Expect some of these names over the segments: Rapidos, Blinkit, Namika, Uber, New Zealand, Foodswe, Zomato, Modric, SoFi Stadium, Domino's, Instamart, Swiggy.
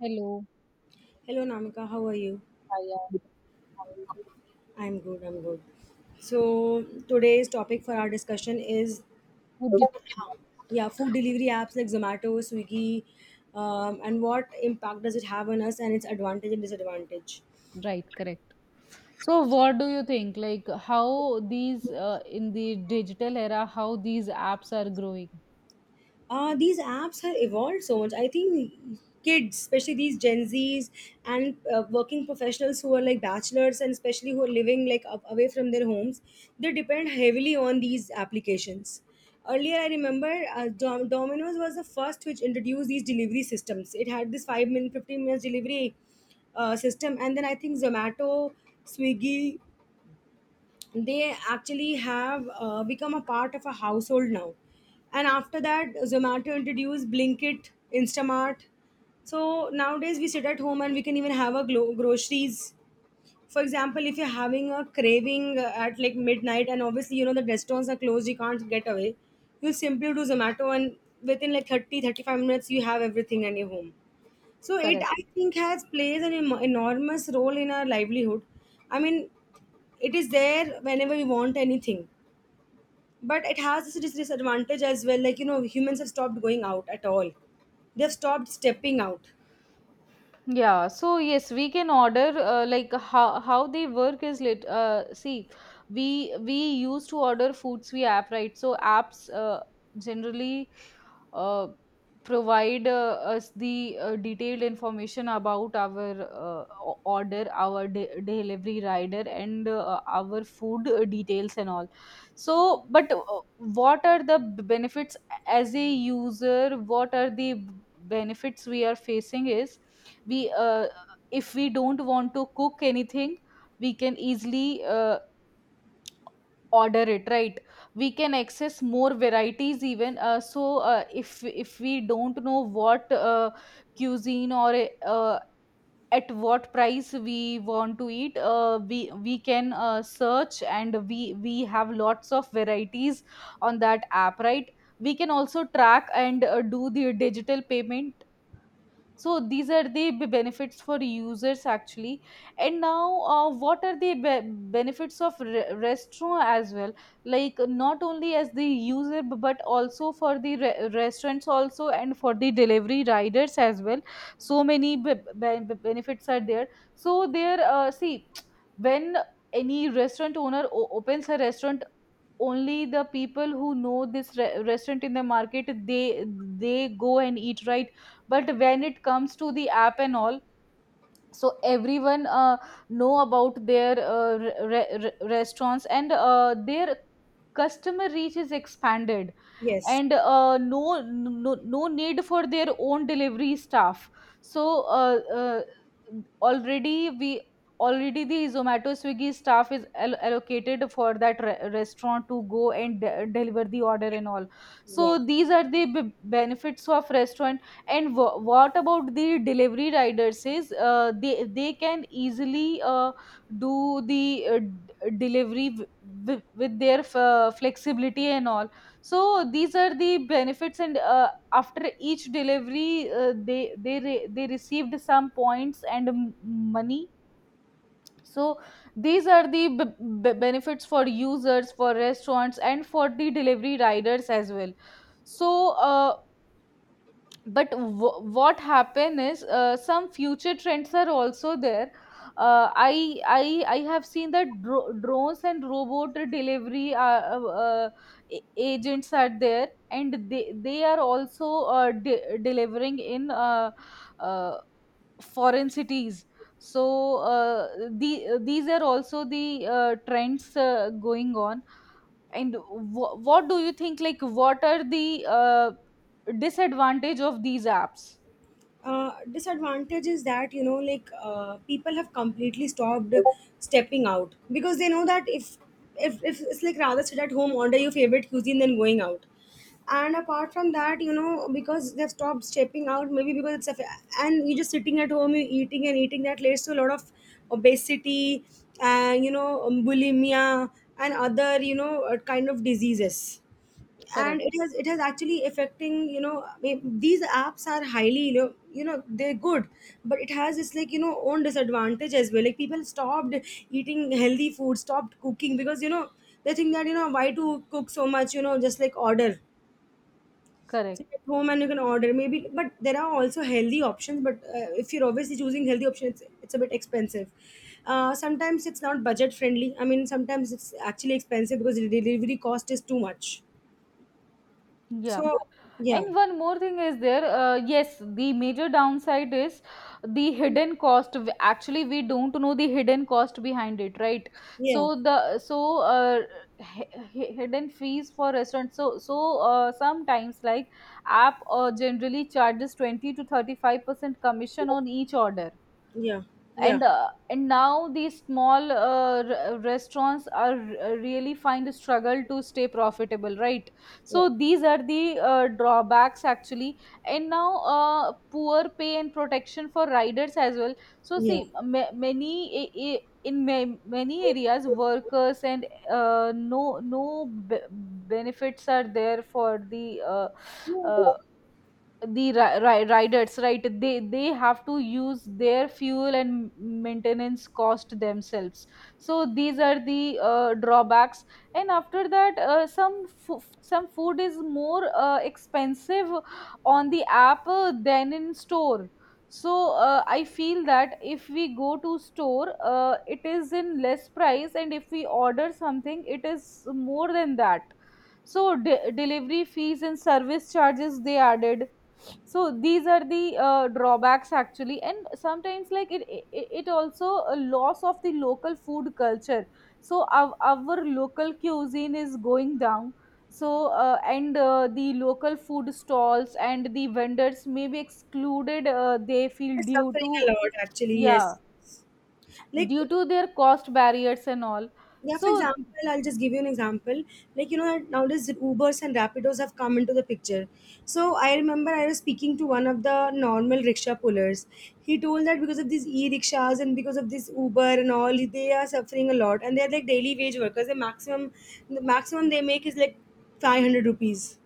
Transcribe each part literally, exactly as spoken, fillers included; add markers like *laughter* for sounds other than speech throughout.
Hello. Hello, Namika. How are you? Hi, I'm how are you? I'm good. I'm good. So today's topic for our discussion is, Good evening. yeah, food delivery apps like Zomato, Swiggy, um, and what impact does it have on us and its advantage and disadvantage. Right, correct. So what do you think? Like how these uh, in the digital era, how these apps are growing? Uh, these apps have evolved so much. I think kids, especially these Gen Zs and uh, working professionals who are like bachelors and especially who are living like up, away from their homes, they depend heavily on these applications. Earlier, I remember uh, Dom- Domino's was the first which introduced these delivery systems. It had this five minute, fifteen minutes delivery uh, system, and then I think Zomato, Swiggy, they actually have uh, become a part of a household now. And after that, Zomato introduced Blinkit, Instamart. So nowadays, we sit at home and we can even have our glo- groceries. For example, if you're having a craving uh, at like midnight, and obviously, you know, the restaurants are closed, you can't get away, you simply do Zomato, and within like thirty thirty five minutes, you have everything in your home. So it, Correct. I think, has plays an em- enormous role in our livelihood. I mean, it is there whenever we want anything, but it has this dis- disadvantage as well. Like, you know, humans have stopped going out at all. They've stopped stepping out. Yeah, so yes, we can order uh, like how how they work is lit. Uh, see, we we used to order Foodswe app, right? So apps uh, generally uh, provide uh, us the uh, detailed information about our uh, o- order, our de- delivery rider, and uh, our food uh, details and all. So, but uh, what are the b- benefits as a user? What are the b- benefits we are facing is we uh, if we don't want to cook anything, we can easily uh, order it, right? We can access more varieties even, uh, so uh, if if we don't know what uh, cuisine or uh, at what price we want to eat, uh, we we can uh, search and we we have lots of varieties on that app, right? We can also track and uh, do the digital payment. So these are the b- benefits for users actually. And now, uh, what are the be- benefits of re- restaurant as well, like not only as the user b- but also for the re- restaurants also and for the delivery riders as well. So many b- b- b- benefits are there. So there, uh, see, *tsk* when any restaurant owner o- opens a restaurant, only the people who know this re- restaurant in the market, they they go and eat, right? But when it comes to the app and all, so everyone uh, know about their uh, re- re- restaurants and uh, their customer reach is expanded. Yes. And uh, no, no no need for their own delivery staff. So uh, uh, already we already the Zomato Swiggy staff is al- allocated for that re- restaurant to go and de- deliver the order and all. Yeah. So these are the b- benefits of restaurant. And w- what about the delivery riders is uh, they they can easily uh, do the uh, d- delivery w- w- with their f- uh, flexibility and all. So these are the benefits. And uh, after each delivery, uh, they they re- they received some points and m- money. So these are the b- b- benefits for users, for restaurants, and for the delivery riders as well. So uh, but w- what happen is uh, some future trends are also there. Uh, i i i have seen that dro- drones and robot delivery uh, uh, uh, a- agents are there and they they are also uh, de- delivering in uh, uh, foreign cities. So uh, the these are also the uh, trends uh, going on. And wh- what do you think, like what are the uh, disadvantage of these apps? Uh, disadvantage is that, you know, like, uh, people have completely stopped stepping out because they know that if if, if it's like rather sit at home order your favorite cuisine than going out. And apart from that, you know, because they've stopped stepping out, maybe because it's a fa- and you're just sitting at home, you're eating and eating. That leads to a lot of obesity, and you know, um, bulimia and other, you know, uh, kind of diseases. And it has it has actually affecting, you know, I mean, these apps are highly, you know, you know, they're good, but it has its, like, you know, own disadvantage as well. Like, people stopped eating healthy food, stopped cooking because, you know, they think that, you know, why to cook so much, you know, just like order. Sit Correct. at home and you can order, maybe, but there are also healthy options. But uh, if you're obviously choosing healthy options, it's, it's a bit expensive. Uh, sometimes it's not budget friendly. I mean, sometimes it's actually expensive because the delivery cost is too much. Yeah. So yeah. And one more thing is there. Uh, yes, the major downside is the hidden cost. W- Actually, we don't know the hidden cost behind it, right? Yeah, So the so uh, hi- hi- hidden fees for restaurants. So so uh, sometimes like app uh, generally charges twenty to thirty five percent commission on each order. yeah, yeah. and uh, and now these small uh, r- restaurants are r- really find a struggle to stay profitable, right? Yeah. So these are the uh, drawbacks actually. And now, uh, poor pay and protection for riders as well. So Yeah. see, ma- many a- a- in ma- many areas workers and uh, no no b- benefits are there for the uh, Yeah, uh, the ri- ri- riders, right? They they have to use their fuel and maintenance cost themselves. So these are the uh, drawbacks. And after that, uh, some fo- some food is more uh, expensive on the app uh, than in store. So uh, i feel that if we go to store, uh, it is in less price, and if we order something, it is more than that. So de- delivery fees and service charges they added. So these are the uh, drawbacks actually. And sometimes like it, it it also a loss of the local food culture. So our, our local cuisine is going down. So uh, and uh, the local food stalls and the vendors may be excluded, uh, they feel, they're due suffering a to, lot actually, yeah, yes. Like, due to their cost barriers and all. yeah, for So example, I'll just give you an example. Like, you know, nowadays Ubers and Rapidos have come into the picture. So I remember I was speaking to one of the normal rickshaw pullers. He told that because of these e-rickshaws and because of this Uber and all, they are suffering a lot, and they're like daily wage workers. The maximum the maximum they make is like five hundred rupees.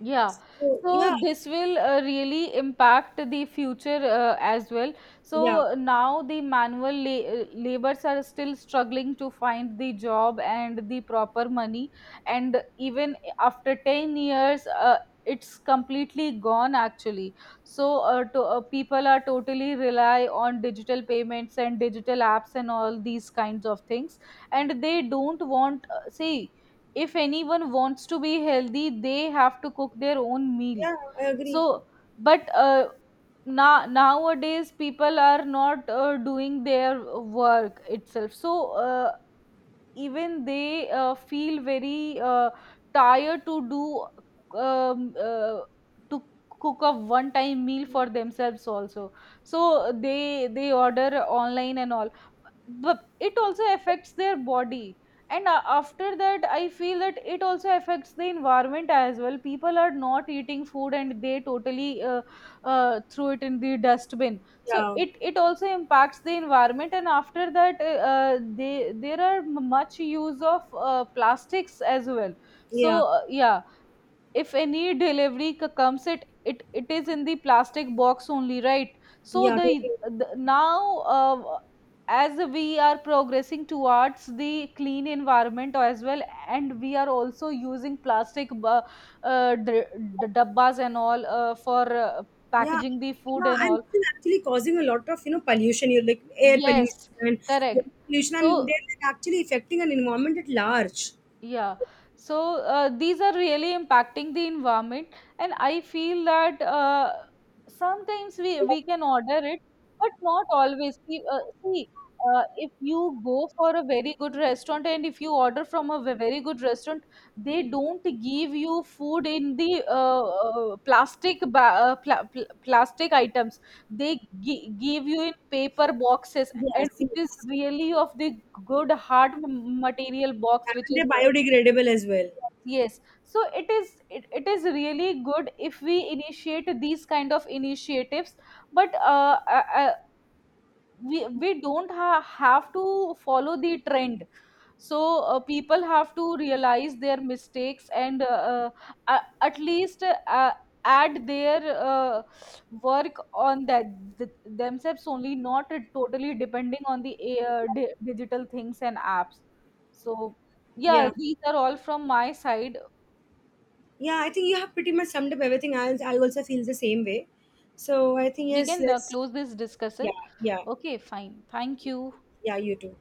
yeah. So yeah, So this will uh, really impact the future uh, as well. yeah, So now the manual la- uh, labors are still struggling to find the job and the proper money. And even after ten years, uh, it's completely gone actually. So uh, to, uh, people are totally rely on digital payments and digital apps and all these kinds of things. And they don't want, uh, see, if anyone wants to be healthy, they have to cook their own meal. yeah, I agree. So but uh, now nowadays people are not uh, doing their work itself. So uh, even they uh, feel very uh, tired to do, um, uh, to cook a one time meal for themselves also. So they they order online and all, but it also affects their body. And a- after that, I feel that it also affects the environment as well. People are not eating food and they totally uh, uh, threw it in the dustbin, so Yeah. it it also impacts the environment. And after that, uh, uh, they there are m- much use of uh, plastics as well. So Yeah, uh, yeah, if any delivery c- comes, it it it is in the plastic box only, right? so yeah, the, totally. the now, uh, as we are progressing towards the clean environment as well, and we are also using plastic bu- uh, d- d- dabbas and all uh, for uh, Yeah, packaging the food yeah, and and all. this is actually causing a lot of, you know, pollution, you like air pollution Yes, and correct. water pollution, and So they're like actually affecting an environment at large. yeah, so uh, these are really impacting the environment, and I feel that uh, sometimes we we can order it, but not always. We, uh, see, uh, if you go for a very good restaurant and if you order from a ve- very good restaurant, they don't give you food in the uh, uh, plastic ba- uh, pla- pl- plastic items. They gi- give you in paper boxes, Yes, and which is yes, really of the good hard m- material box, which and is, they're biodegradable as well. yes, so it is, it, it is really good if we initiate these kind of initiatives. But uh, uh, uh, we we don't ha- have to follow the trend. So uh, people have to realize their mistakes and uh, uh, a- at least uh, add their uh, work on that th- themselves only, not totally depending on the uh, di- digital things and apps. So yeah, Yeah, these are all from my side. yeah, I think you have pretty much summed up everything. I I also feel the same way. So I think We yes, can uh, let's close this discussion. yeah, yeah, Okay, fine, thank you. yeah, you too.